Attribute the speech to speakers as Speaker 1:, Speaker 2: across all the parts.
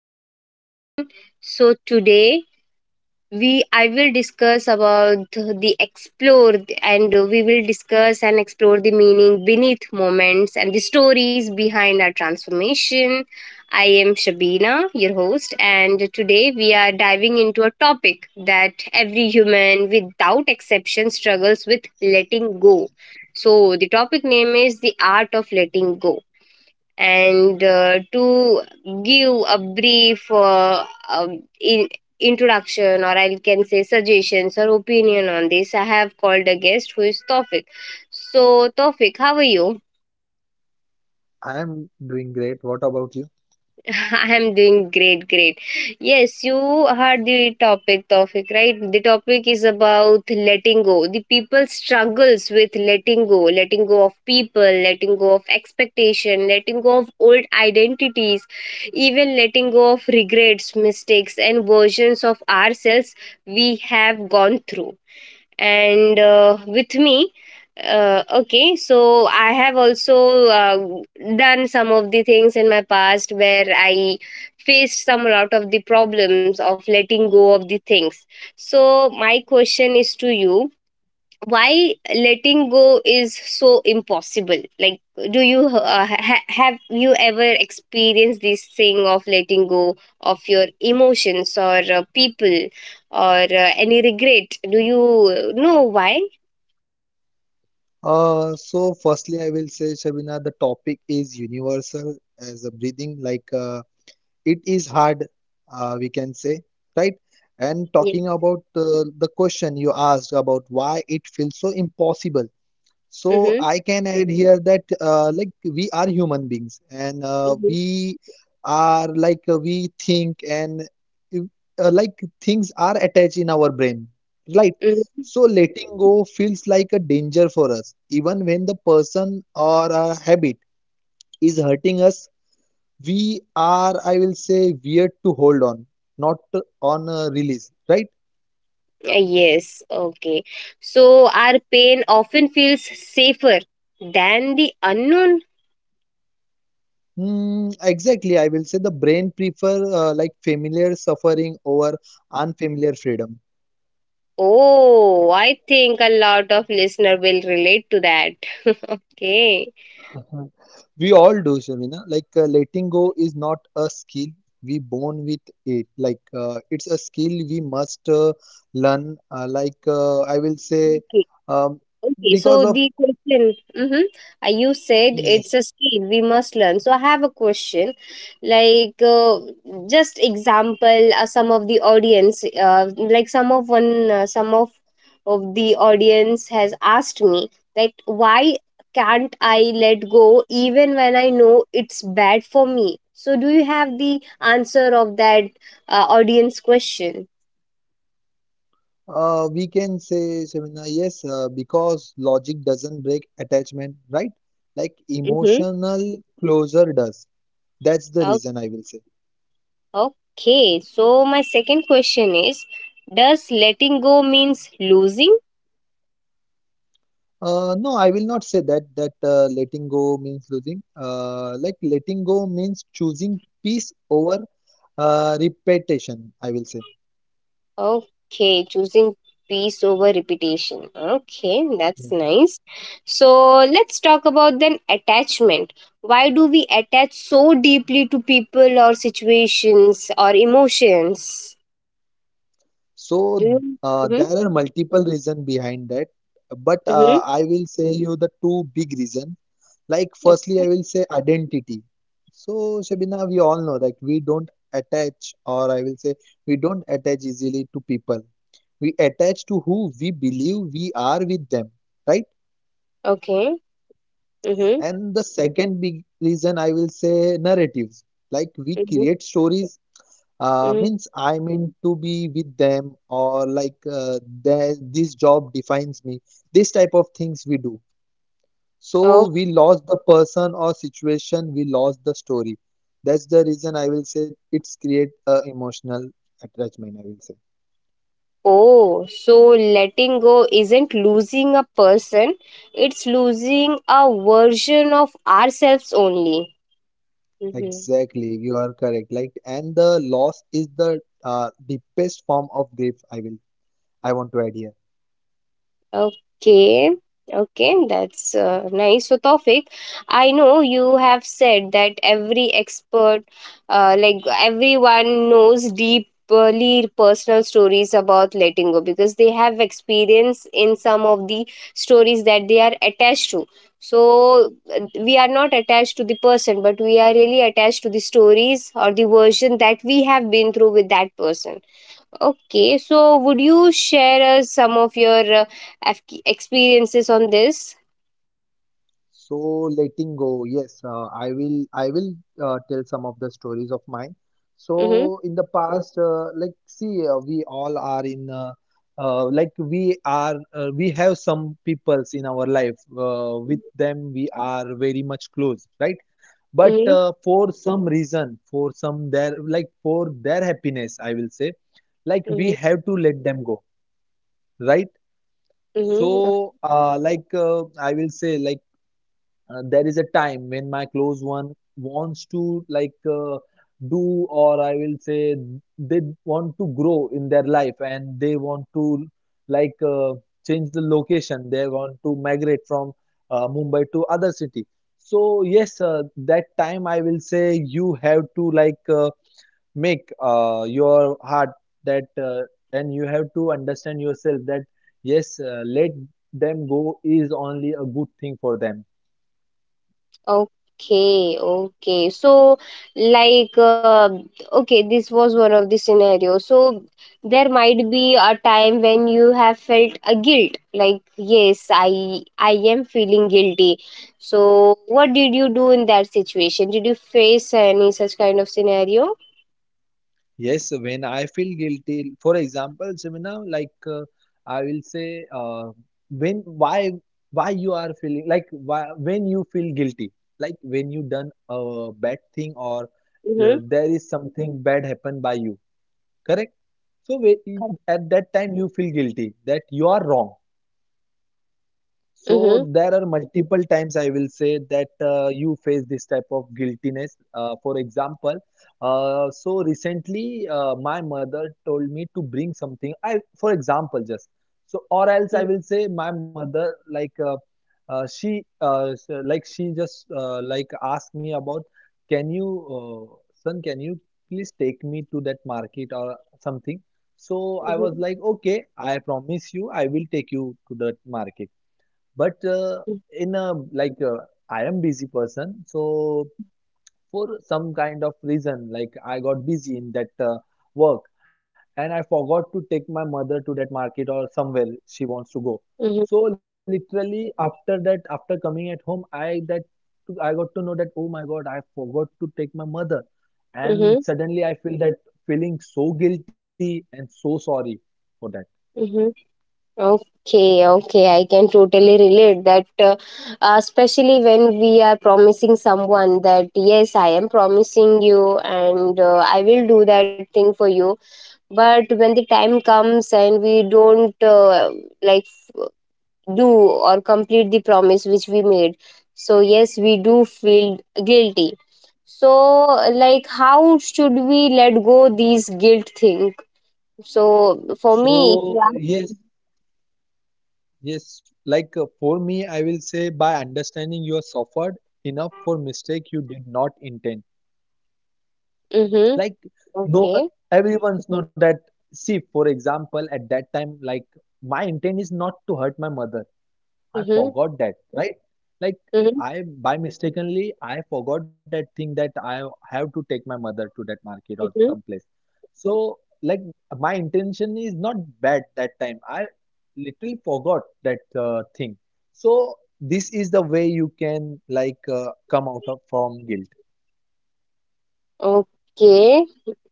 Speaker 1: podcast again. So today we I will discuss about the explore and we will discuss and explore the meaning beneath moments and the stories behind our transformation. I am Shabina, your host, and today we are diving into a topic that every human without exception struggles with letting go. So the topic name is the art of letting go and to give a brief introduction or I can say suggestions or opinion on this I have called a guest who is Tofik. So Tofik, how are you?
Speaker 2: I'm doing great. What about you?
Speaker 1: I am doing great. Yes, you heard the topic, right? The topic is about letting go. The people struggles with letting go of people, letting go of expectation, letting go of old identities, even letting go of regrets, mistakes, and versions of ourselves we have gone through. And with me okay, so I have also uh, done some of the things in my past where I faced some lot of the problems of letting go of the things. So my question is to you, why letting go is so impossible? Like, do you have you ever experienced this thing of letting go of your emotions or people or any regret? Do you know why?
Speaker 2: So firstly, I will say, Shabina, the topic is universal as a breathing, like it is hard, we can say, right? And
Speaker 1: Yeah.
Speaker 2: talking about the question you asked about why it feels so impossible. So
Speaker 1: Mm-hmm.
Speaker 2: I can add here that like we are human beings and
Speaker 1: Mm-hmm.
Speaker 2: we are like we think and if, like things are attached in our brain, right?
Speaker 1: Mm-hmm.
Speaker 2: So letting go feels like a danger for us. Even when the person or a habit is hurting us, we are, I will say, weird to hold on, not on a release, right?
Speaker 1: Yes, okay. So our pain often feels safer than the unknown.
Speaker 2: Mm, exactly. I will say the brain prefer like familiar suffering over unfamiliar freedom.
Speaker 1: Oh, I think a lot of listener will relate to that. Okay.
Speaker 2: Mhm. We all do, Shamina. Like letting go is not a skill we born with it. Like it's a skill we must learn. Like I will say, um,
Speaker 1: Okay,
Speaker 2: because
Speaker 1: so
Speaker 2: of
Speaker 1: the question, mm-hmm, you said it's
Speaker 2: yes,
Speaker 1: a skill we must learn. So I have a question, like just example, some of the audience, like some of one, some of the audience has asked me that why can't I let go even when I know it's bad for me? So do you have the answer of that audience question?
Speaker 2: we can say, Shamina, yes, because logic doesn't break attachment, right? Like
Speaker 1: Mm-hmm.
Speaker 2: emotional closure does. That's the reason I will say.
Speaker 1: Okay, so my second question is, does letting go means losing?
Speaker 2: No, I will not say that letting go means losing. Like letting go means choosing peace over repetition, I will say.
Speaker 1: Okay, choosing peace over repetition. Okay, that's
Speaker 2: Yes.
Speaker 1: nice. So let's talk about then attachment. Why do we attach so deeply to people or situations or emotions?
Speaker 2: So
Speaker 1: Do you? Mm-hmm,
Speaker 2: there are multiple reasons behind that, but
Speaker 1: mm-hmm.
Speaker 2: I will say you the two big reasons. Like firstly, I will say identity. So Shabina, we all know that we don't attach, or I will say we don't attach easily to people. We attach to who we believe we are with them, right?
Speaker 1: Okay. Mm-hmm,
Speaker 2: And the second big reason I will say narratives. Like we
Speaker 1: mm-hmm,
Speaker 2: create stories,
Speaker 1: mm-hmm.
Speaker 2: means I mean to be with them, or like this job defines me. This type of things we do. So we lost the person or situation, we lost the story. That's the reason I will say it's create a emotional attachment, I will say.
Speaker 1: Oh, so letting go isn't losing a person, it's losing a version of ourselves only. Mhm.
Speaker 2: Exactly, you are correct. Like, and the loss is the deepest form of grief, I want to add here.
Speaker 1: Okay, okay, that's nice. So, Tawfiq, I know you have said that every expert, like everyone knows deeply personal stories about letting go because they have experience in some of the stories that they are attached to. So, we are not attached to the person, but we are really attached to the stories or the version that we have been through with that person. Okay, so would you share us some of your experiences on this?
Speaker 2: So letting go, yes, I will tell some of the stories of mine.
Speaker 1: Mm-hmm.
Speaker 2: So in the past, like see, we all are in like we are we have some peoples in our life. With them, we are very much close, right? But
Speaker 1: Mm-hmm.
Speaker 2: for some reason, for some their like for their happiness, I will say, like we
Speaker 1: Mm-hmm.
Speaker 2: have to let them go, right?
Speaker 1: Mm-hmm.
Speaker 2: So like I will say like there is a time when my close one wants to like do or I will say they want to grow in their life and they want to like change the location. They want to migrate from Mumbai to other city. So yes, that time I will say you have to like make your heart that and you have to understand yourself that yes, let them go is only a good thing for them.
Speaker 1: Okay, okay. So, like, okay, this was one of the scenarios. So, there might be a time when you have felt a guilt, like, yes, I am feeling guilty. So, what did you do in that situation? Did you face any such kind of scenario?
Speaker 2: Yes, when I feel guilty, for example, Jemina, like I will say, when why you are feeling like why, when you feel guilty, like when you done a bad thing or
Speaker 1: Mm-hmm.
Speaker 2: there is something bad happened by you, correct? So we, at that time you feel guilty that you are wrong. So
Speaker 1: Mm-hmm.
Speaker 2: there are multiple times I will say that you face this type of guiltiness. For example, so recently my mother told me to bring something. I, for example, just so or else I will say my mother like she like she just like asked me about, can you son, can you please take me to that market or something. So I
Speaker 1: Mm-hmm.
Speaker 2: was like, okay, I promise you I will take you to that market. But in a like I am busy person, so for some kind of reason, like I got busy in that work and I forgot to take my mother to that market or somewhere she wants to go.
Speaker 1: Mm-hmm.
Speaker 2: So literally after that, after coming at home, I got to know that, oh my God, I forgot to take my mother, and
Speaker 1: Mm-hmm.
Speaker 2: suddenly I feel that feeling so guilty and so sorry for that.
Speaker 1: Mm-hmm. Okay, okay, I can totally relate that, especially when we are promising someone that, yes, I am promising you and I will do that thing for you. But when the time comes and we don't like f- do or complete the promise which we made, so yes, we do feel guilty. So, like, how should we let go these guilt things? So for me, if you
Speaker 2: So
Speaker 1: ask,
Speaker 2: yes. Yes, like for me, I will say by understanding you are suffered enough for mistake you did not intend.
Speaker 1: mm-hmm,
Speaker 2: Like no,
Speaker 1: okay,
Speaker 2: everyone's know that. See, for example, at that time, like my intent is not to hurt my mother. I
Speaker 1: mm-hmm,
Speaker 2: forgot that, right? Like
Speaker 1: mm-hmm,
Speaker 2: I by mistakenly I forgot that thing that I have to take my mother to that market or
Speaker 1: mm-hmm,
Speaker 2: someplace. So like my intention is not bad that time. I literally forgot that thing. So this is the way you can like come out of from guilt.
Speaker 1: okay,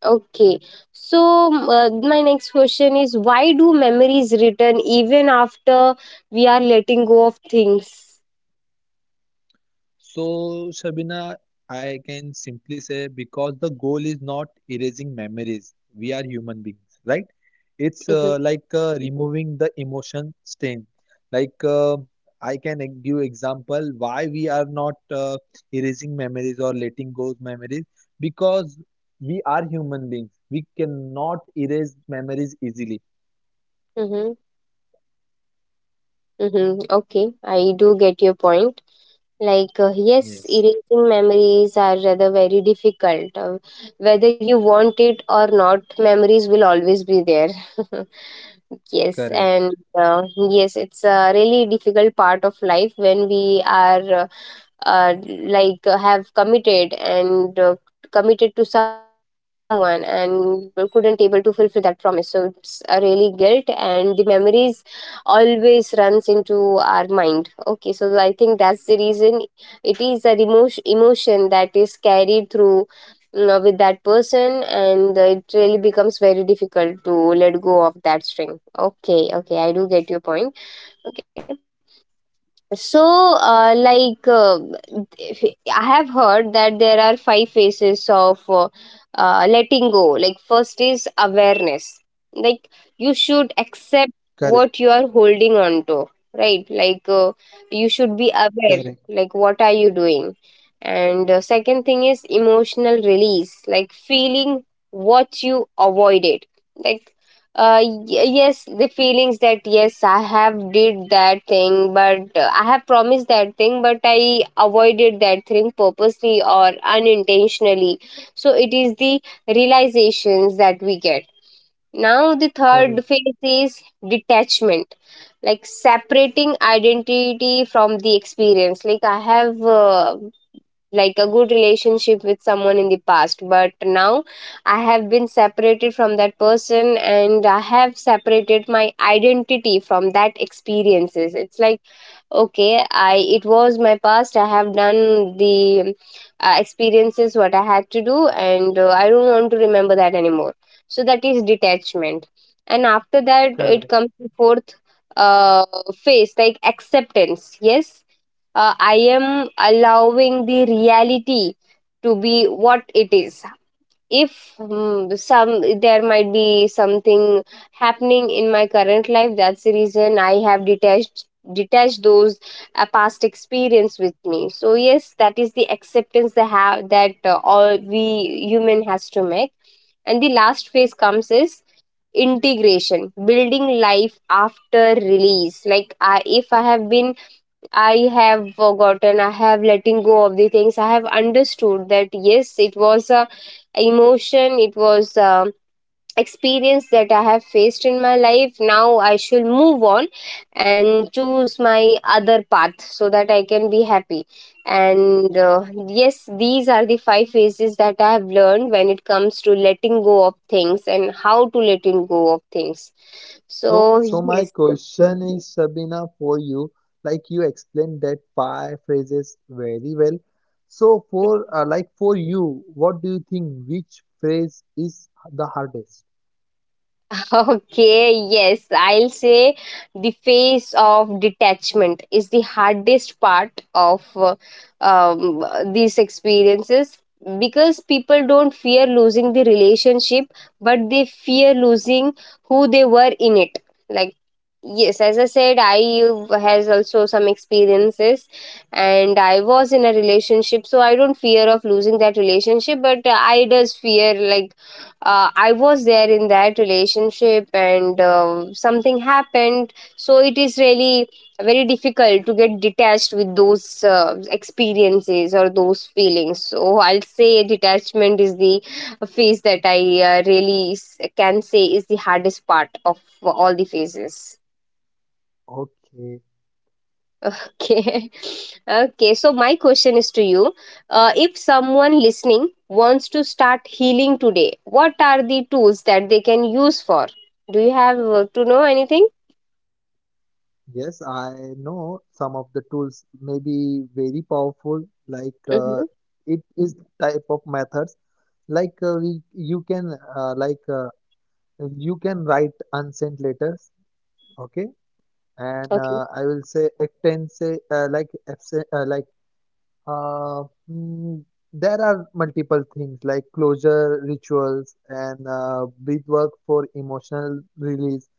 Speaker 1: okay. So my next question is, why do memories return even after we are letting go of things?
Speaker 2: So, Shabina, I can simply say because the goal is not erasing memories. We are human beings, right? It's
Speaker 1: Mm-hmm,
Speaker 2: like removing the emotion stain. Like I can give example why we are not erasing memories or letting go memories because we are human beings. We cannot erase memories easily.
Speaker 1: mm-hmm, mm-hmm. Okay, I do get your point. Like, yes,
Speaker 2: Yes,
Speaker 1: erasing memories are rather very difficult. Whether you want it or not, memories will always be there. Yes,
Speaker 2: correct.
Speaker 1: and yes, it's a really difficult part of life when we are like have committed and committed to someone and couldn't able to fulfill that promise. So it's a really guilt and the memories always runs into our mind. Okay, so I think that's the reason it is a emotion that is carried through, mm, with that person, and it really becomes very difficult to let go of that string. Okay, okay, I do get your point. Okay. So, like, if- I have heard that there are five phases of letting go. Like, first is awareness. Like, you
Speaker 2: Correct,
Speaker 1: should accept what you are holding on to, right? Like, you should
Speaker 2: correct,
Speaker 1: be aware, like, what are you doing? And second thing is emotional release, like, feeling what you avoided. Like, yes, the feelings that yes I have did that thing, but I have promised that thing but I avoided that thing purposely or unintentionally. So it is the realizations that we get. Now the
Speaker 2: correct,
Speaker 1: third phase is detachment, like separating identity from the experience. Like I have like a good relationship with someone in the past, but now I have been separated from that person and I have separated my identity from that experiences. It's like okay, I it was my past, I have done the experiences what I had to do, and I don't want to remember that anymore. So that is detachment. And after that it
Speaker 2: correct.
Speaker 1: comes to fourth uh, phase, like acceptance. Yes, I am allowing the reality to be what it is. If, mm, some, there might be something happening in my current life, that's the reason I have detached those past experience with me. So yes, that is the acceptance that have that all we human has to make. And the last phase comes is integration, building life after release. Like if I have been, I have forgotten, I have letting go of the things. I have understood that yes, it was a emotion, it was a experience that I have faced in my life. Now I should move on and choose my other path so that I can be happy. And yes, these are the five phases that I have learned when it comes to letting go of things and how to letting go of things.
Speaker 2: So,
Speaker 1: So
Speaker 2: so my
Speaker 1: yes.
Speaker 2: question is, Sabina, for you, like you explained that five phrases very well. So, for like for you, what do you think? Which phrase is the hardest?
Speaker 1: Okay, yes, I'll say the phase of detachment is the hardest part of um, these experiences because people don't fear losing the relationship, but they fear losing who they were in it. Like yes, as I said, I has also some experiences and I was in a relationship, so I don't fear of losing that relationship, but I does fear like I was there in that relationship and something happened, so it is really very difficult to get detached with those experiences or those feelings. So I'll say detachment is the phase that I really can say is the hardest part of all the phases.
Speaker 2: Okay,
Speaker 1: Okay. Okay. So, my question is to you, if someone listening wants to start healing today, what are the tools that they can use for? Do you have to know anything?
Speaker 2: yes, I know some of the tools may be very powerful. Like
Speaker 1: Mm-hmm.
Speaker 2: it is type of methods. Like we, you can like you can write unsent letters. Okay, and
Speaker 1: Okay.
Speaker 2: I will say actense like absent like uh, mm, there are multiple things like closure rituals and breath work for emotional release.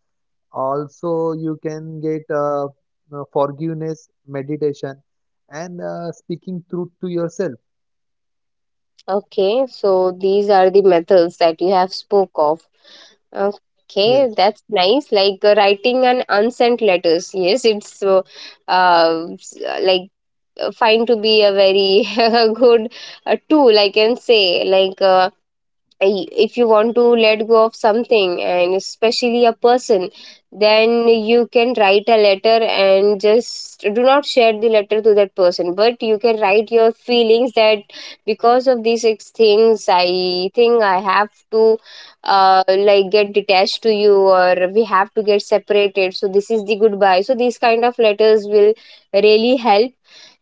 Speaker 2: Also, you can get forgiveness meditation and speaking truth to yourself.
Speaker 1: Okay. So, these are the methods that you have spoke of. Okay.
Speaker 2: Yes,
Speaker 1: That's nice. Like writing an unsent letters. Yes. It's like find to be a very good a tool I can say. Like if you want to let go of something and especially a person, then you can write a letter and just do not share the letter to that person, but you can write your feelings that because of these things I think I have to like get detached to you or we have to get separated, so this is the goodbye. So these kind of letters will really help.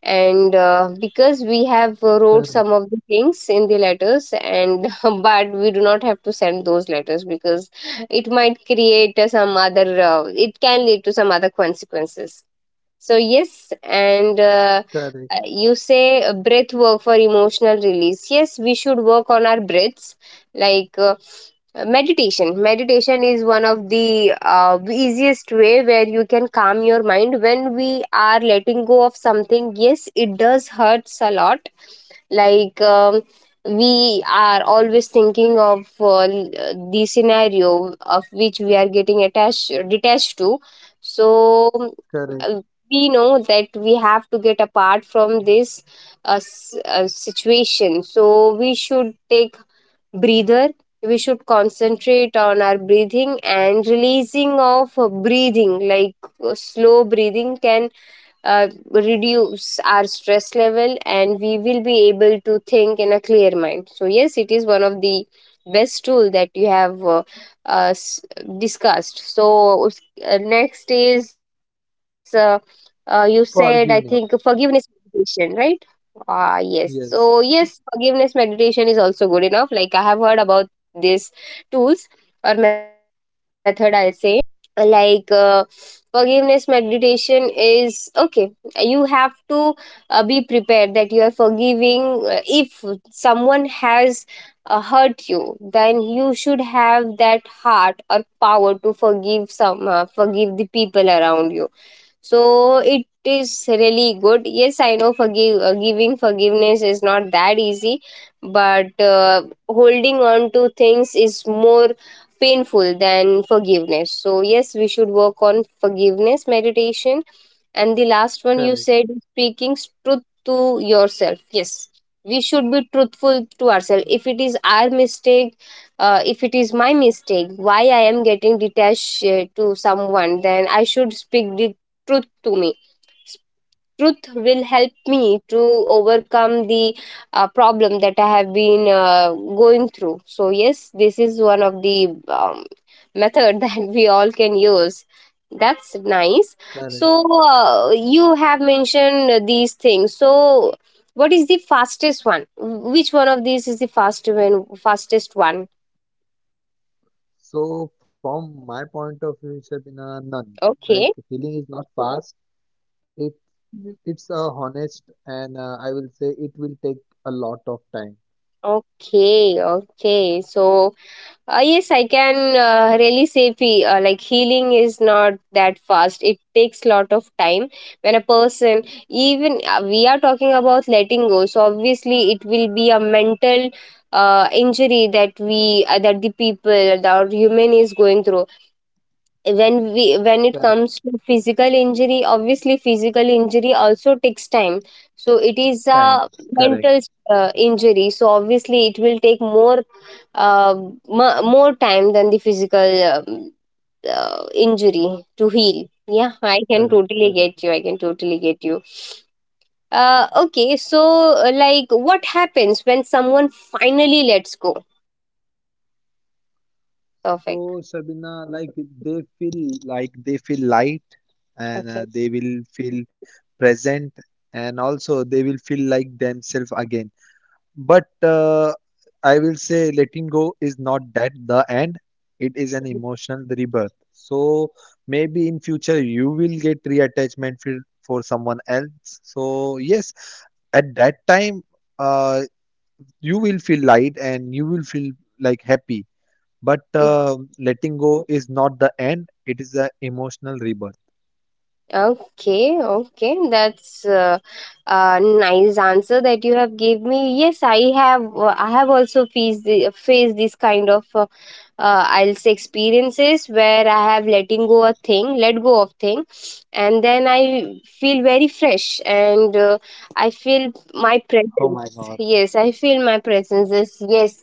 Speaker 1: And because
Speaker 2: correct,
Speaker 1: we have wrote some of the things in the letters and but we do not have to send those letters because it might create some other it can lead to some other consequences. So yes,
Speaker 2: correct,
Speaker 1: and you say breath work for emotional release. Yes, we should work on our breaths, like meditation. Meditation is one of the easiest way where you can calm your mind when we are letting go of something. Yes, it does hurts a lot, like we are always thinking of the scenario of which we are getting attached detached to, so
Speaker 2: correct.
Speaker 1: uh, we know that we have to get apart from this situation, so we should take breather. We should concentrate on our breathing and releasing of breathing, like slow breathing can reduce our stress level, and we will be able to think in a clear mind. So yes, it is one of the best tool that you have uh, s- discussed. So next is you said, I think, forgiveness
Speaker 2: Forgiveness.
Speaker 1: meditation, right? Ah yes, so
Speaker 2: Yes,
Speaker 1: yes, forgiveness meditation is also good enough. Like, I have heard about these tools, or method I say. Like forgiveness meditation is okay. You have to be prepared that you are forgiving. If someone has hurt you, then you should have that heart or power to forgive the people around you. So it is really good. Yes, I know forgive giving forgiveness is not that easy, but holding on to things is more painful than forgiveness. So yes, we should work on forgiveness meditation. And the last one you said,
Speaker 2: correct,
Speaker 1: speaking truth to yourself. Yes, we should be truthful to ourselves. If it is our mistake, if it is my mistake, why I am getting detached to someone, then I should speak the truth to me. Truth will help me to overcome the problem that I have been going through. So yes, this is one of the method that we all can use. That's nice.
Speaker 2: correct.
Speaker 1: So you have mentioned these things. So what is the fastest one? Which one of these is the fast one, fastest one?
Speaker 2: So, from my point of view, Sabina, none.
Speaker 1: Okay.
Speaker 2: Like healing is not fast. It
Speaker 1: Mhm.
Speaker 2: it's a honest, and I will say it will take a lot of time.
Speaker 1: Okay, okay. So yes, I can really say like healing is not that fast. It takes lot of time. When a person, even we are talking about letting go, so obviously it will be a mental injury that we that the people that our human is going through. When we when it
Speaker 2: Correct.
Speaker 1: comes to physical injury, obviously physical injury also takes time, so it is a
Speaker 2: Time.
Speaker 1: mental
Speaker 2: Correct.
Speaker 1: injury, so obviously it will take more more time than the physical injury to heal. Yeah, I can
Speaker 2: Correct.
Speaker 1: totally
Speaker 2: Correct.
Speaker 1: get you, I can totally get you. Okay, so like what happens when someone finally lets go? Perfect.
Speaker 2: So, Sabina, like they feel light, and
Speaker 1: Okay.
Speaker 2: they will feel present, and also they will feel like themselves again. But I will say letting go is not that the end. It is an emotional rebirth. So maybe in future you will get reattachment for someone else. So yes, at that time uh, you will feel light and you will feel like happy. But letting go is not the end. It is an emotional rebirth.
Speaker 1: Okay, okay, that's a nice answer that you have gave me. Yes, I have. I have also faced the, faced this kind of, I'll say, experiences where I have letting go a thing, let go of thing, and then I feel very fresh and I
Speaker 2: Oh
Speaker 1: feel
Speaker 2: my
Speaker 1: my
Speaker 2: God.
Speaker 1: presence. Yes, I feel my presence. Is yes,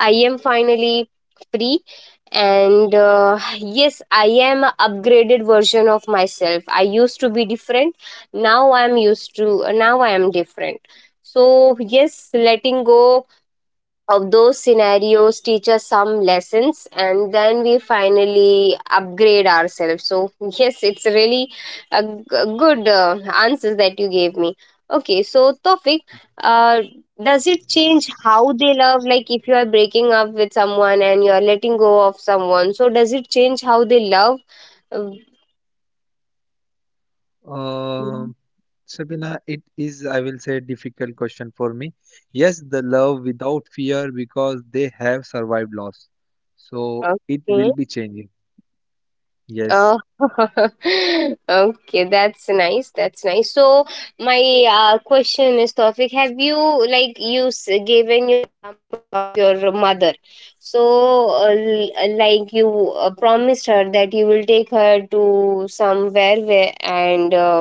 Speaker 1: I am finally free and yes I am a upgraded version of myself I used to be different now I am used to now I am different so yes letting go of those scenarios teach us some lessons and then we finally upgrade ourselves so yes it's really a, g- a good answers that you gave me okay so Tofik, uh, does it change
Speaker 2: Nice.
Speaker 1: how they love like if you are breaking up with someone and you are letting go of someone so does it change how they love Uh, Mhm.
Speaker 2: Um, Sabina, it is, I will say, difficult question for me. Yes, the love without fear because they have survived loss. So it will
Speaker 1: okay
Speaker 2: be changing. Yes.
Speaker 1: Oh, okay, that's nice. That's nice. So, my question is, Tawfiq, have you, like given your mother? So, like you promised her that you will take her to somewhere where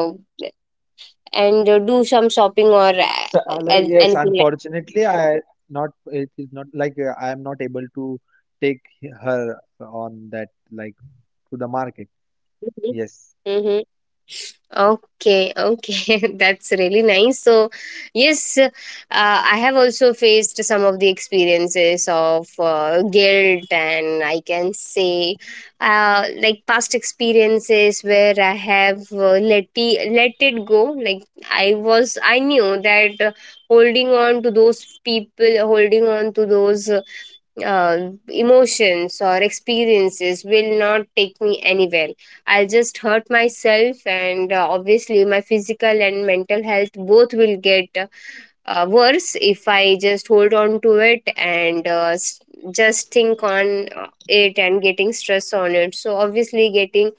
Speaker 1: and do some shopping or
Speaker 2: So, like, yes,
Speaker 1: anything like
Speaker 2: unfortunately, I not, it is not like I am not able to take her on that, like to the market.
Speaker 1: that.
Speaker 2: Yes.
Speaker 1: Mm-hmm. Okay, okay, that's really nice. So, yes, I have also faced some of the experiences of guilt, and I can say, like past experiences where I have let it go. Like I knew that holding on to those people, holding on to those emotions or experiences will not take me anywhere. I'll just hurt myself, and obviously, my physical and mental health both will get worse if I just hold on to it and just think on it and getting stress on it. So, obviously, getting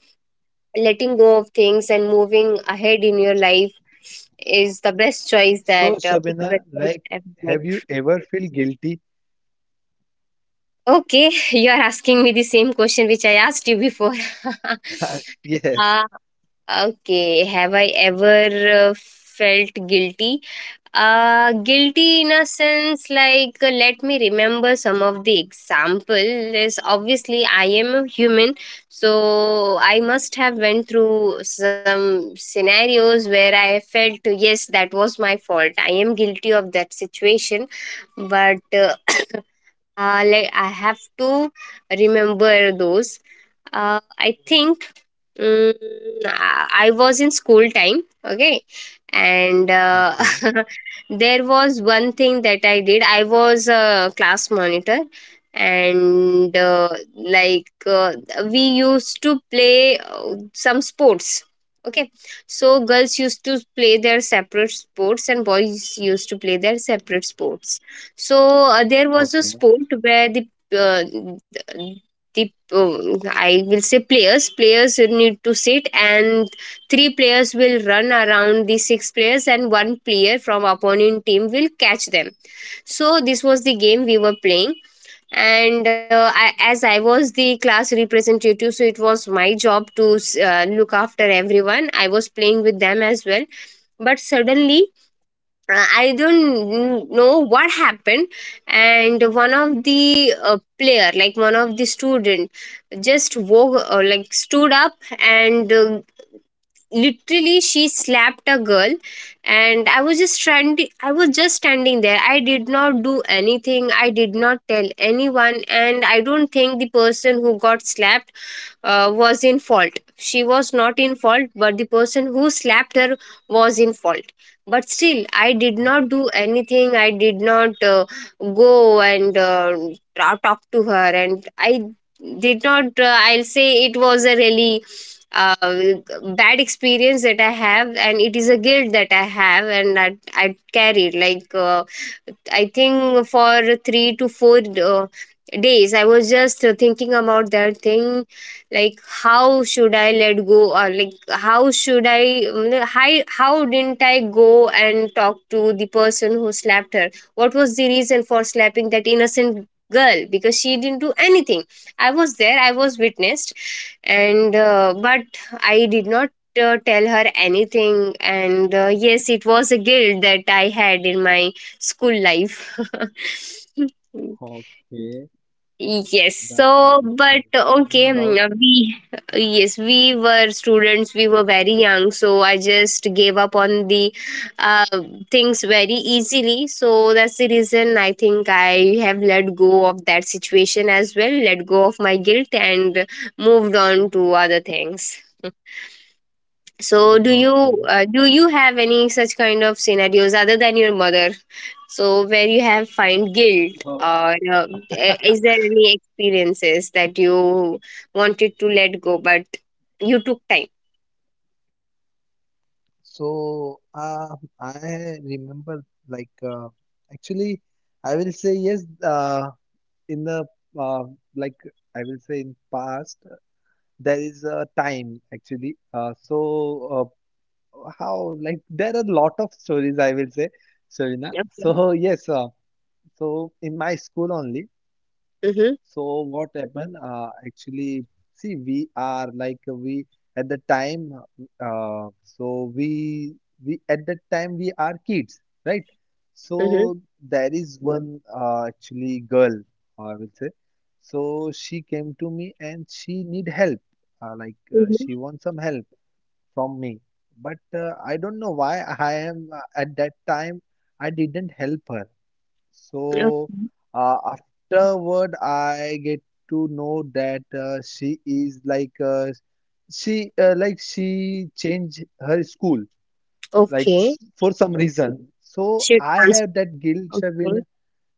Speaker 1: letting go of things and moving ahead in your life is the best choice
Speaker 2: So,
Speaker 1: that people
Speaker 2: Sabina,
Speaker 1: can
Speaker 2: like,
Speaker 1: ever
Speaker 2: have
Speaker 1: make.
Speaker 2: you ever feel guilty?
Speaker 1: Okay, you are asking me the same question which I asked you before.
Speaker 2: Yes.
Speaker 1: uh, okay, have I ever felt guilty? Guilty in a sense, like let me remember some of the examples. Obviously, I am a human, so I must have went through some scenarios where I felt yes, that was my fault. I am guilty of that situation, but like I have to remember those. I think, mm, I was in school time, okay, and
Speaker 2: Okay,
Speaker 1: there was one thing that I did. I was a class monitor, and like we used to play some sports. Okay, so girls used to play their separate sports and boys used to play their separate sports. So there was a
Speaker 2: okay,
Speaker 1: sport where th- the I will say players need to sit, and three players will run around the six players, and one player from opponent team will catch them. So this was the game we were playing, and as I was the class representative, so it was my job to look after everyone. I was playing with them as well, but suddenly I don't know what happened, and one of the player, like one of the student, just like stood up, and literally she slapped a girl, and I was just standing. I was just standing there. I did not do anything. I did not tell anyone, and I don't think the person who got slapped was in fault. She was not in fault, but the person who slapped her was in fault. But still, I did not
Speaker 2: okay,
Speaker 1: do anything. I did not go and talk to her. And I did not, I'll say it was a really uh, bad experience that I have, and it is a guilt that I have, and that I carried. Like, I think for 3 to 4 days, I was just thinking about that thing, like how should I let go, or like how should I mm, hi- how didn't I go and talk to the person who slapped her? What was the reason for slapping that innocent girl, because she didn't do anything? I was there, I was witnessed, and but I did not tell her anything. And yes, it was a guilt that I had in my school life.
Speaker 2: okay.
Speaker 1: Yes, so
Speaker 2: That's nice,
Speaker 1: but
Speaker 2: Serena.
Speaker 1: okay,
Speaker 2: No doubt.
Speaker 1: we yes, we were students, we were very young, so I just gave up on the uh, things very easily. So that's the reason I think I have let go of that situation as well, let go of my guilt, and moved on to other things. So
Speaker 2: Okay.
Speaker 1: do you have any such kind of scenarios other than your mother? So where you have find guilt,
Speaker 2: Uh,
Speaker 1: or is there any experiences that you wanted to let go but you took time?
Speaker 2: So I remember like actually I will say yes, in the uh, like I will say in past there is a time actually so how like there are a lot of stories I will say, Serena.
Speaker 1: Okay.
Speaker 2: So yes, so in my school only.
Speaker 1: Mhm.
Speaker 2: So what happened? Actually, see, we are like we at the time. So we at that time we are kids, right? So
Speaker 1: Mhm.
Speaker 2: there is one actually girl, I will say. So she came to me and she need help. Like
Speaker 1: Mhm.
Speaker 2: she wants some help from me, but I don't know why I am at that time I didn't help her.
Speaker 1: Okay.
Speaker 2: So afterward, I get to know that she is like she like she changed her school like
Speaker 1: Okay.
Speaker 2: for some reason. So
Speaker 1: Should
Speaker 2: I
Speaker 1: transfer.
Speaker 2: have that guilt
Speaker 1: Okay.
Speaker 2: when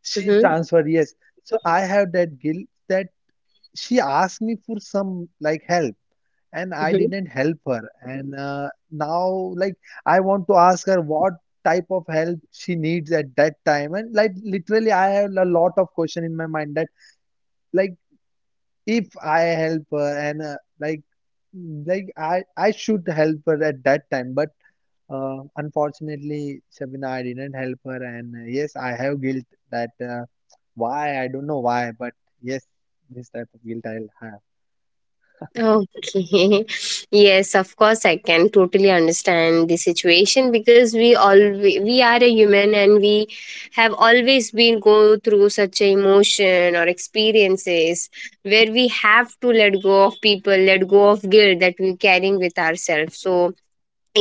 Speaker 2: she
Speaker 1: Mhm.
Speaker 2: transferred. Yes. So I have that guilt that she asked me for some like help and I
Speaker 1: Mhm.
Speaker 2: didn't help her. And now, like, I want to ask her what type of help she needs at that time. And like, literally, I have a lot of question in my mind that, like, if I help her and like, like I should help her at that time, but unfortunately, Shabina, I didn't help her, and yes, I have guilt that why I don't know why, but yes, this type of guilt I'll have.
Speaker 1: Okay. Yes, of course I can totally understand the situation, because we are a human, and we have always been go through such a emotion or experiences where we have to let go of people, let go of guilt that we're carrying with ourselves. So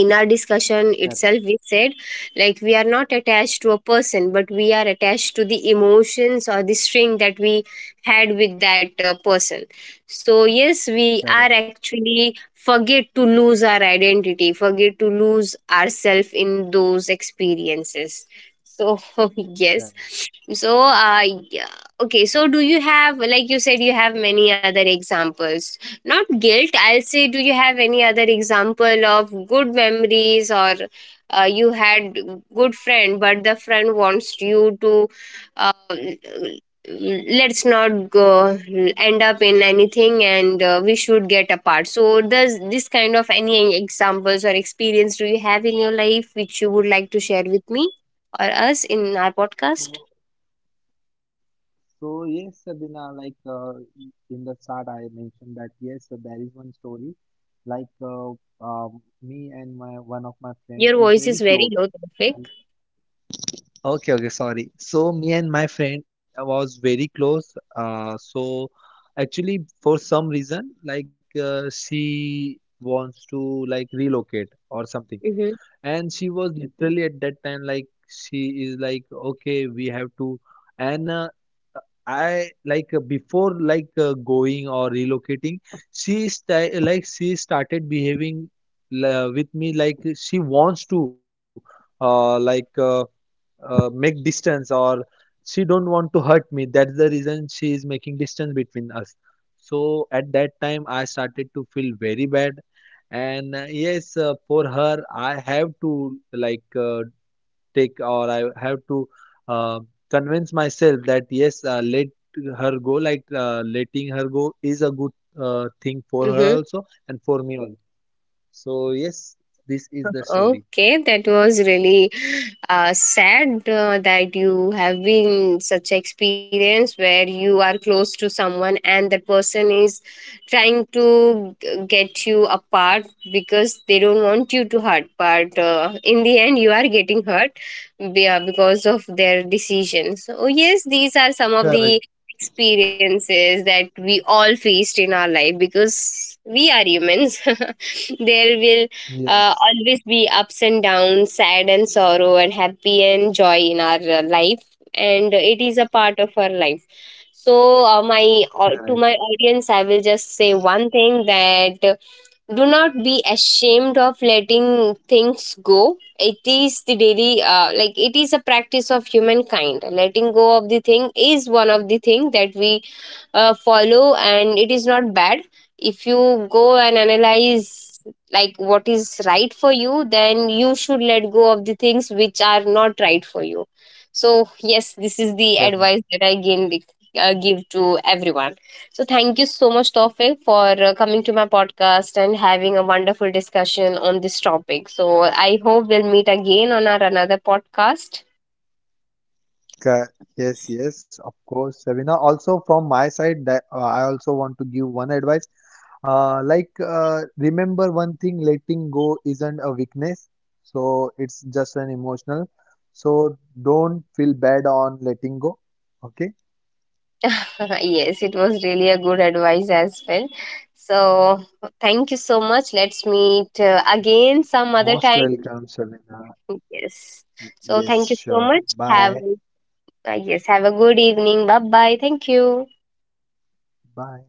Speaker 1: in our discussion
Speaker 2: Correct,
Speaker 1: itself we said, like we are not attached to a person, but we are attached to the emotions or the string that we had with that person. So yes, we are
Speaker 2: correct,
Speaker 1: actually forget to lose our identity, forget to lose ourselves in those experiences. So yes. So, yeah. Okay. So, do you have, like you said, you have many other examples? Not guilt, I'll say, do you have any other example of good memories, or you had good friend, but the friend wants you to, uh, let's not go end up in anything, and we should get apart. So, does this kind of any examples or experience do you have in your life which you would like to share with me or us in our podcast?
Speaker 2: correct. So yes, Sabina, like in the start, I mentioned that yes, there is one story. Like me and my one of my friend
Speaker 1: Your
Speaker 2: is
Speaker 1: voice is
Speaker 2: very
Speaker 1: very
Speaker 2: close,
Speaker 1: low, Tawfiq.
Speaker 2: and Okay, okay, sorry. So me and my friend was very close. So actually, for some reason, like she wants to like relocate or something.
Speaker 1: Mm-hmm.
Speaker 2: And she was literally at that time like she is like, okay, we have to. And I like before like going or relocating, like she started behaving with me like she wants to like make distance or she don't want to hurt me. That's the reason she is making distance between us. So at that time I started to feel very bad. And yes, for her I have to like take or I have to uh, convince myself that yes, let her go, like letting her go is a good thing for her
Speaker 1: Mm-hmm.
Speaker 2: also and for me also. So yes, this is the story.
Speaker 1: Okay, that was really sad that you have been such experience where you are close to someone and that person is trying to get you apart, because they don't want you to hurt. But in the end, you are getting hurt because of their decisions. So yes, these are some of the
Speaker 2: Correct.
Speaker 1: experiences that we all faced in our life because we are humans. There will
Speaker 2: Yes.
Speaker 1: always be ups and downs, sad and sorrow, and happy and joy in our life, and it is a part of our life. So, to
Speaker 2: Correct.
Speaker 1: my audience, I will just say one thing: that do not be ashamed of letting things go. It is the daily, like, it is a practice of humankind. Letting go of the thing is one of the thing that we follow, and it is not bad. If you go and analyze like what is right for you, then you should let go of the things which are not right for you. So yes, this is the advice
Speaker 2: Correct.
Speaker 1: that I give to everyone. So thank you so much, Tawfiq, for coming to my podcast and having a wonderful discussion on this topic. So I hope we'll meet again on our another podcast.
Speaker 2: Ca- Yes, yes, of course, Sabina. Also, from my side, that I also want to give one advice. Like, remember one thing: letting go isn't a weakness, so it's just an emotional. So don't feel bad on letting go. Okay?
Speaker 1: Yes, it was really a good advice as well. So thank you so much. Let's meet again some other
Speaker 2: Most
Speaker 1: time.
Speaker 2: welcome, Sabina.
Speaker 1: Yes. So thank
Speaker 2: Yes,
Speaker 1: you so
Speaker 2: sure.
Speaker 1: much. Have
Speaker 2: Bye.
Speaker 1: yes, have a good evening. Bye bye. Thank you.
Speaker 2: Bye.